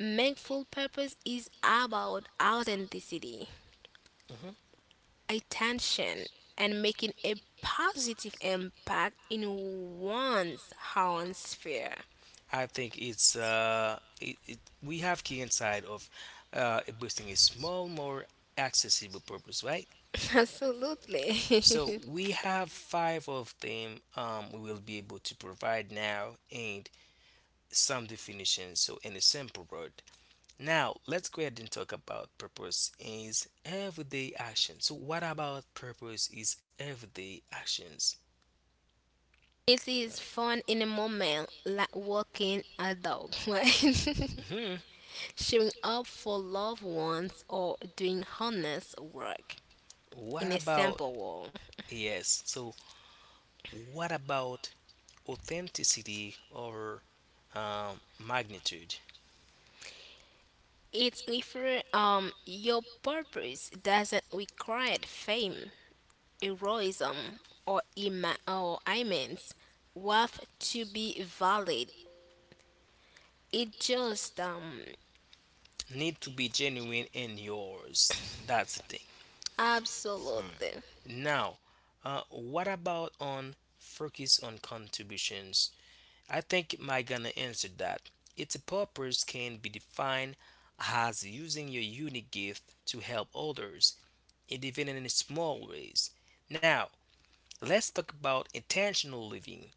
Speaker 2: Meaningful purpose is about authenticity,
Speaker 3: hmm
Speaker 2: attention, and making a positive impact in one's own sphere.
Speaker 3: I think it's we have key inside of boosting a small, more accessible purpose, right?
Speaker 2: Absolutely.
Speaker 3: So we have five of them. We will be able to provide now and some definitions. So in a simple word. Now let's go ahead and talk about purpose is everyday action. So what about purpose is everyday actions?
Speaker 2: It is fun in a moment, like walking a dog, right? Showing up for loved ones, or doing honest work in
Speaker 3: What
Speaker 2: a
Speaker 3: about
Speaker 2: simple way.
Speaker 3: yes? So what about authenticity over magnitude?
Speaker 2: It's refer your purpose doesn't require fame, heroism, or immense worth to be valid. It just
Speaker 3: Need to be genuine in yours. That's the thing.
Speaker 2: absolutely,
Speaker 3: Now, what about on focus on contributions? I think my gonna answer that. Its purpose can be defined as using your unique gift to help others, and even in small ways. Now, let's talk about intentional living.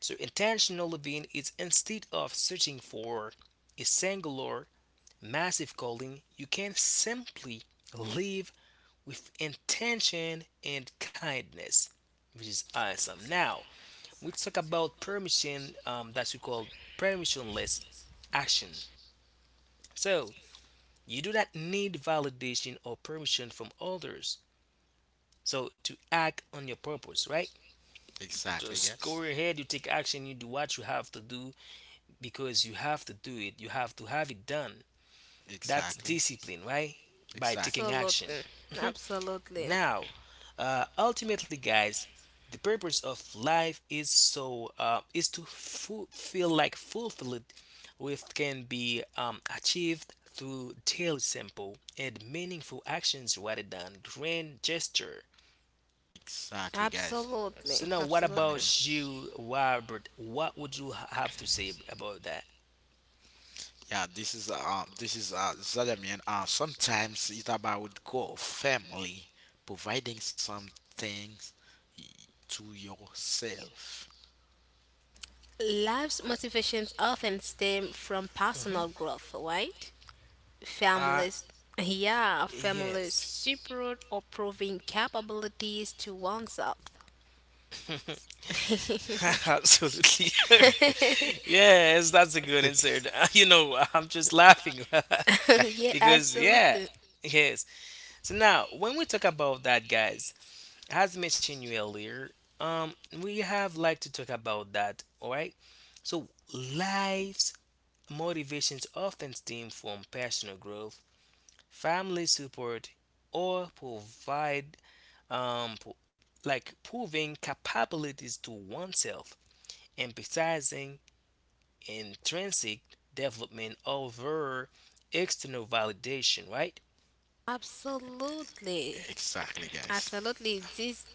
Speaker 3: So intentional living is instead of searching for a singular massive calling, you can simply live with intention and kindness, which is awesome. Now we talk about permission that we call permissionless action. So you do not need validation or permission from others. So to act on your purpose, right? You
Speaker 1: exactly
Speaker 3: just
Speaker 1: guys
Speaker 3: go ahead, you take action, you do what you have to do because you have to do it. You have to have it done. That's
Speaker 1: exactly
Speaker 3: discipline, right? By
Speaker 1: exactly.
Speaker 3: taking action.
Speaker 2: absolutely, absolutely,
Speaker 3: Now, ultimately, guys, the purpose of life is so is to feel like fulfilled, which can be achieved through daily simple and meaningful actions rather than grand gesture.
Speaker 1: Exactly, guys.
Speaker 3: So
Speaker 2: absolutely,
Speaker 3: now, what
Speaker 1: I'm agree.
Speaker 2: absolutely.
Speaker 3: about you, Robert? What would you have to say about that?
Speaker 1: Yeah, this is Zadamian. Sometimes it's about goal, family, providing some things y- to yourself.
Speaker 2: Life's motivations often stem from personal
Speaker 3: hmm
Speaker 2: growth, right?
Speaker 3: I
Speaker 2: Families, yeah,
Speaker 3: yeah,
Speaker 2: families support or proving capabilities to oneself.
Speaker 3: yes, absolutely. yes, that's a good answer. You know, I'm just laughing
Speaker 2: Yeah,
Speaker 3: because yeah,
Speaker 2: absolutely.
Speaker 3: yes. So now when we talk about that, guys, as mentioned you earlier, um, we have like to talk about that. All right. So life's motivations often stem from personal growth family support, or provide um, pro- like proving capabilities to oneself, emphasizing intrinsic development over external validation, right?
Speaker 2: Absolutely.
Speaker 1: Exactly, guys.
Speaker 2: Absolutely. This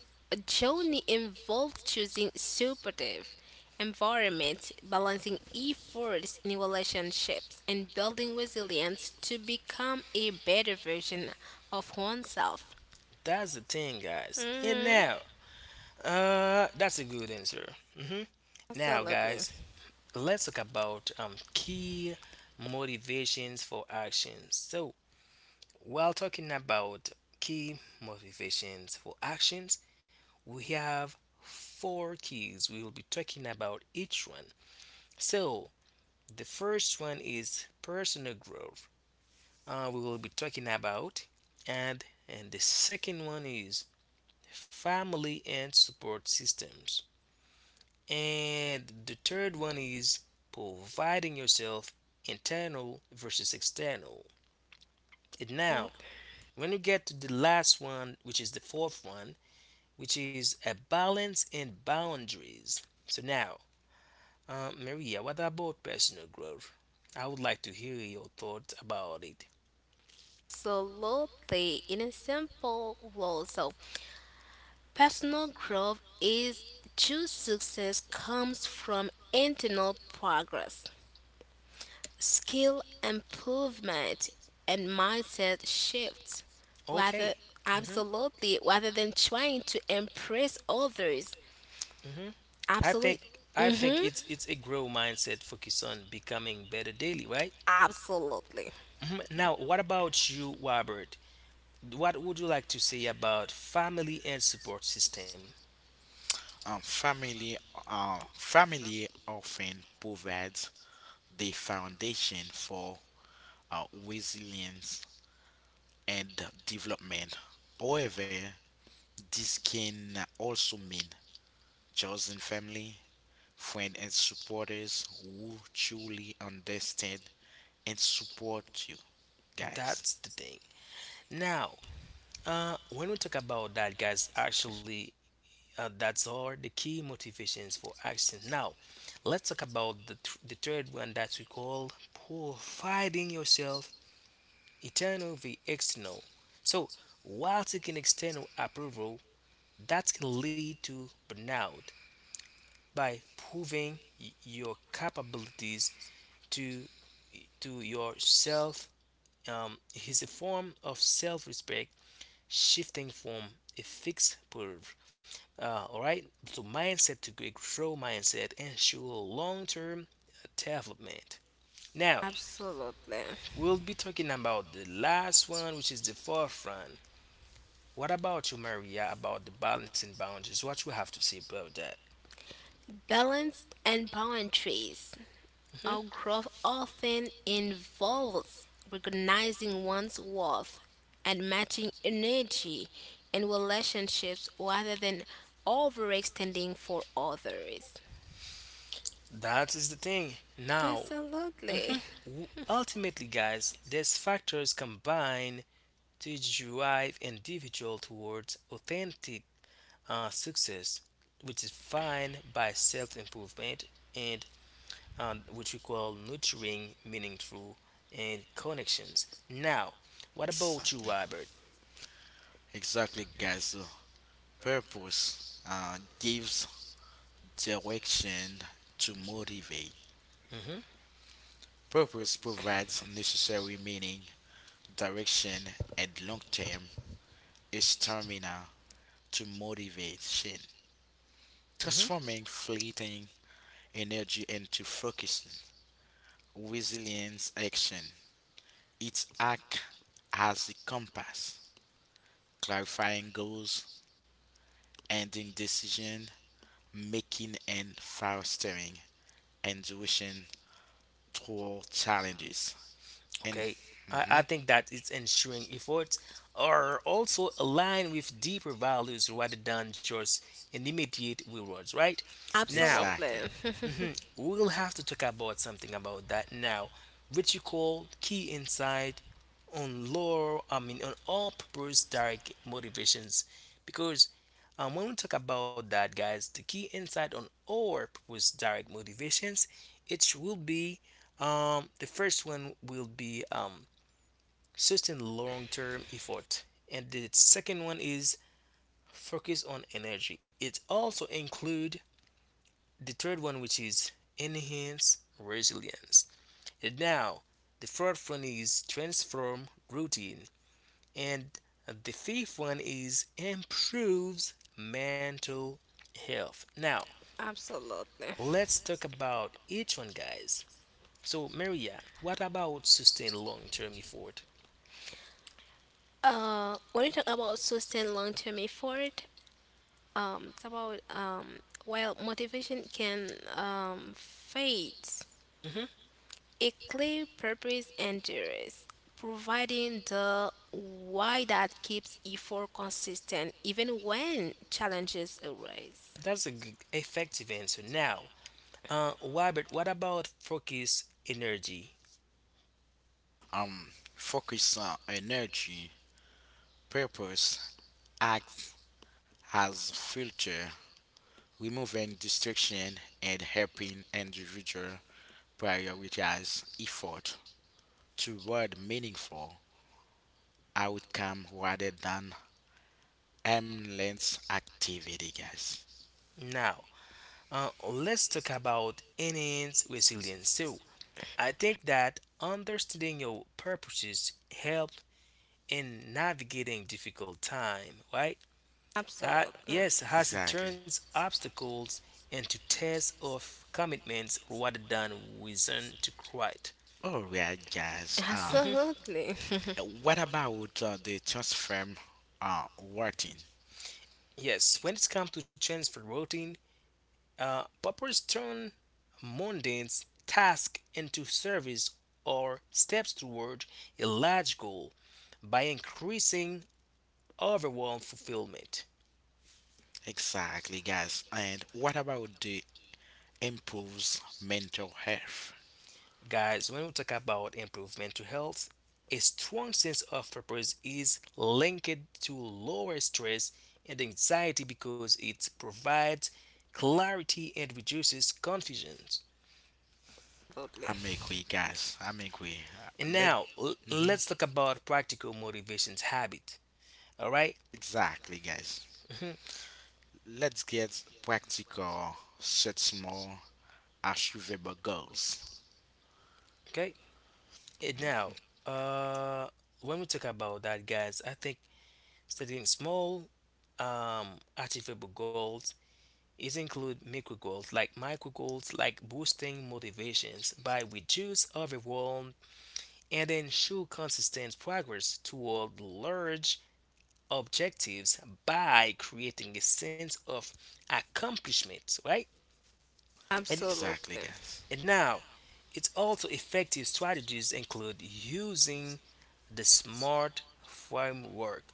Speaker 2: journey involved choosing supportive environment, balancing efforts in relationships, and building resilience to become a better version of oneself.
Speaker 3: That's the thing, guys. And
Speaker 2: Mhm.
Speaker 3: now, that's a good answer. hmm Now,
Speaker 2: Absolutely.
Speaker 3: guys, let's talk about key motivations for actions. So, while talking about key motivations for actions, we have four keys. We will be talking about each one. So, the first one is personal growth. We will be talking about, and the second one is family and support systems, and the third one is providing yourself internal versus external. And now, when you get to the last one, which is the fourth one, which is a balance and boundaries. So now, Maria, what about personal growth? I would like to hear your thoughts about it.
Speaker 2: Absolutely. In a simple rule, so personal growth is, true success comes from internal progress, skill improvement, and mindset shifts,
Speaker 3: Okay.
Speaker 2: rather,
Speaker 3: hmm
Speaker 2: absolutely, rather than trying to impress others.
Speaker 3: hmm I think
Speaker 2: Absolutely.
Speaker 3: I think
Speaker 2: Mm-hmm.
Speaker 3: it's a grow mindset focus on becoming better daily, right?
Speaker 2: Absolutely,
Speaker 3: Now, what about you, Robert? What would you like to say about family and support system?
Speaker 1: Um, family often provides the foundation for resilience and development. However, this can also mean chosen family, friends, and supporters who truly understand and support you, guys.
Speaker 3: That's the thing. Now, when we talk about that, guys, actually, that's all the key motivations for action. Now, let's talk about the, the third one that we call providing yourself internal v external. So, while seeking external approval, that can lead to burnout by proving your capabilities to to yourself um, is a form of self-respect shifting from a fixed proof all right. So mindset to grow mindset ensure long-term development. Now
Speaker 2: absolutely.
Speaker 3: we'll be talking about the last one, which is the fourth one. What about you, Maria? About the balancing boundaries? What you have to say about that?
Speaker 2: Balance and boundaries, our
Speaker 3: hmm
Speaker 2: growth often involves recognizing one's worth and matching energy in relationships rather than overextending for others.
Speaker 3: That is the thing. Now,
Speaker 2: Absolutely.
Speaker 3: ultimately, guys, these factors combine to drive individual towards authentic success, which is defined by self-improvement and which we call nurturing meaning through and connections. Now, what about you,
Speaker 1: Exactly.
Speaker 3: Robert?
Speaker 1: Exactly, guys. So purpose gives direction to motivate.
Speaker 3: hmm
Speaker 1: Purpose provides necessary meaning, direction, and long term stamina to motivation,
Speaker 3: hmm
Speaker 1: transforming fleeting energy into focused, resilient action. It acts as a compass, clarifying goals, ending decision making, and fostering intuition toward challenges. And
Speaker 3: Okay, I think that it's ensuring efforts are also aligned with deeper values rather than just an immediate rewards, right? Now,
Speaker 1: exactly,
Speaker 2: Absolutely.
Speaker 3: mhm, we'll have to talk about something about that now, which you call key insight on lore, I mean, on all purpose direct motivations. Because when we talk about that, guys, the key insight on all purpose direct motivations, it will be the first one will be sustain long term effort, and the second one is focus on energy. It also include the third one, which is enhance resilience. And now, the fourth one is transform routine, and the fifth one is improves mental health. Now,
Speaker 2: Absolutely.
Speaker 3: let's talk about each one, guys. So, Maria, what about sustain long term effort?
Speaker 2: When you talk about sustained long-term effort, it's about, while motivation can, fade,
Speaker 3: Mm-hmm.
Speaker 2: a clear purpose endures, providing the why that keeps effort consistent even when challenges arise.
Speaker 3: That's a effective answer. Now, Robert, what about focus energy?
Speaker 1: um, focus on energy, purpose, act as filter, removing distraction, and helping individual prioritize effort toward meaningful outcome rather than aimless activity, guys.
Speaker 3: Now, let's talk about innate resilience. So, I think that understanding your purposes helps in navigating difficult time, right?
Speaker 2: Absolutely.
Speaker 3: Yes, as it
Speaker 1: Exactly.
Speaker 3: turns obstacles into tests of commitments rather than reason to quit.
Speaker 1: All right, guys.
Speaker 2: Absolutely.
Speaker 1: What about the transfer working?
Speaker 3: Yes, when it comes to change for routine, purpose turn mundane tasks into service or steps toward a large goal by increasing overall fulfillment.
Speaker 1: Exactly, guys. And what about the improves mental health?
Speaker 3: Guys, when we talk about improvement to health, a strong sense of purpose is linked to lower stress and anxiety because it provides clarity and reduces confusion.
Speaker 1: I
Speaker 2: Absolutely.
Speaker 1: make we, guys. I make we.
Speaker 3: And
Speaker 1: Let.
Speaker 3: now
Speaker 1: Hmm.
Speaker 3: let's talk about practical motivations habit. All right?
Speaker 1: Exactly, guys.
Speaker 3: Mhm.
Speaker 1: Let's get practical, set small, achievable goals.
Speaker 3: Okay. And now, uh, when we talk about that, guys, I think setting small, achievable goals is include micro goals, like boosting motivations by reduce overwhelm and ensure consistent progress toward large objectives by creating a sense of accomplishment, right? And,
Speaker 1: Exactly,
Speaker 2: Absolutely.
Speaker 1: guys.
Speaker 3: and now, it's also effective strategies include using the SMART framework.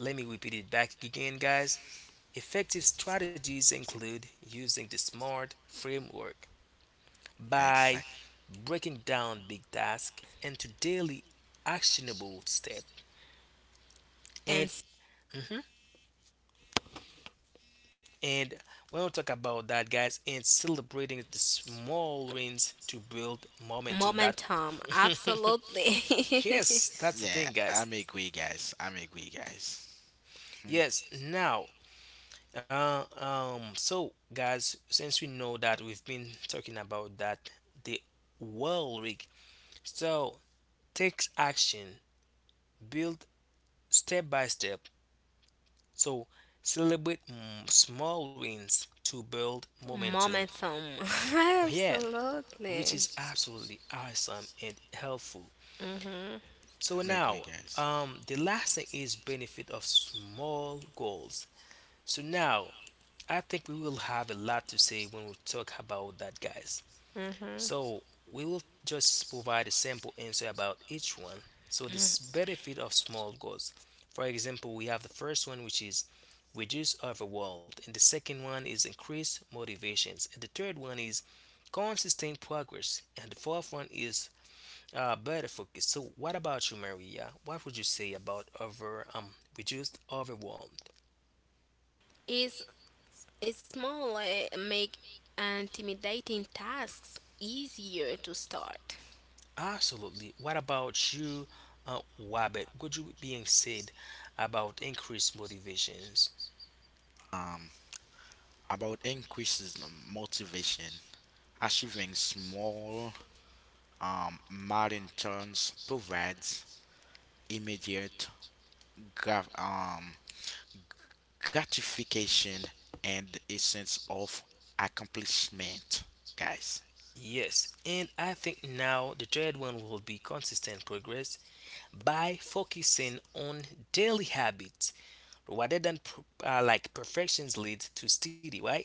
Speaker 3: Let me repeat it back again, guys. Effective strategies include using the SMART framework by
Speaker 1: Exactly.
Speaker 3: breaking down big tasks into daily actionable steps.
Speaker 2: And
Speaker 3: And mhm, and we will talk about that, guys, and celebrating the small wins to build momentum. That
Speaker 2: momentum. Absolutely.
Speaker 3: yes, that's the
Speaker 1: Yeah,
Speaker 3: thing, guys.
Speaker 1: I make we, guys. I make we, guys. Mhm.
Speaker 3: Yes, now So guys, since we know that we've been talking about that, the well rig. So take action, build step by step. So celebrate small wins to build momentum.
Speaker 2: Momentum.
Speaker 3: Yeah, which
Speaker 2: Absolutely.
Speaker 3: is absolutely awesome and helpful.
Speaker 2: Mm-hmm.
Speaker 3: So
Speaker 1: I make we,
Speaker 3: now,
Speaker 1: guys.
Speaker 3: the last thing is benefit of small goals. So now, I think we will have a lot to say when we talk about that, guys.
Speaker 2: Mm-hmm.
Speaker 3: So we will just provide a simple answer about each one. So this benefit of small goals. For example, we have the first one which is reduce overwhelmed, and the second one is increase motivations, and the third one is consistent progress, and the fourth one is better focus. So what about you, Maria? What would you say about over reduced overwhelmed?
Speaker 2: It's, it's more like make intimidating tasks easier to start.
Speaker 3: Absolutely. What about you, Wabbit? Would you being said about increased motivations?
Speaker 1: Um. About increases the motivation. Achieving small milestones provides immediate gra- um, gratification and a sense of accomplishment, guys.
Speaker 3: Yes, and I think now the third one will be consistent progress by focusing on daily habits rather than like perfections leads to steady, right?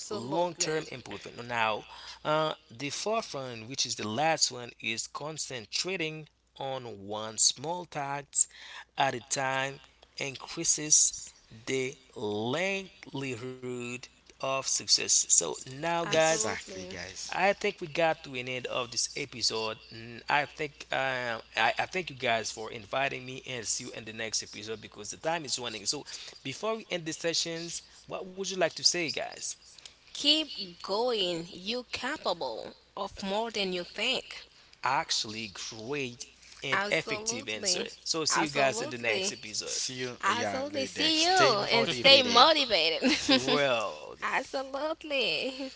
Speaker 3: Long-term improvement. Now, the fourth one, which is the last one, is concentrating on one small task at a time increases the likelihood of success. So now, guys,
Speaker 1: Exactly,
Speaker 2: Absolutely.
Speaker 1: guys.
Speaker 3: I think we got to an end of this episode. Mm, I think I thank you guys for inviting me and see you in the next episode because the time is running. So before we end the sessions, what would you like to say, guys?
Speaker 2: Keep going. You capable of more than you think.
Speaker 3: Actually, great and effective answer.
Speaker 2: Absolutely.
Speaker 3: So see you guys in the next
Speaker 2: Absolutely.
Speaker 3: episode.
Speaker 1: See you, yeah,
Speaker 2: Absolutely.
Speaker 1: later.
Speaker 2: See
Speaker 1: Stay
Speaker 2: you and stay
Speaker 1: motivated.
Speaker 2: motivated.
Speaker 3: Well,
Speaker 2: Absolutely.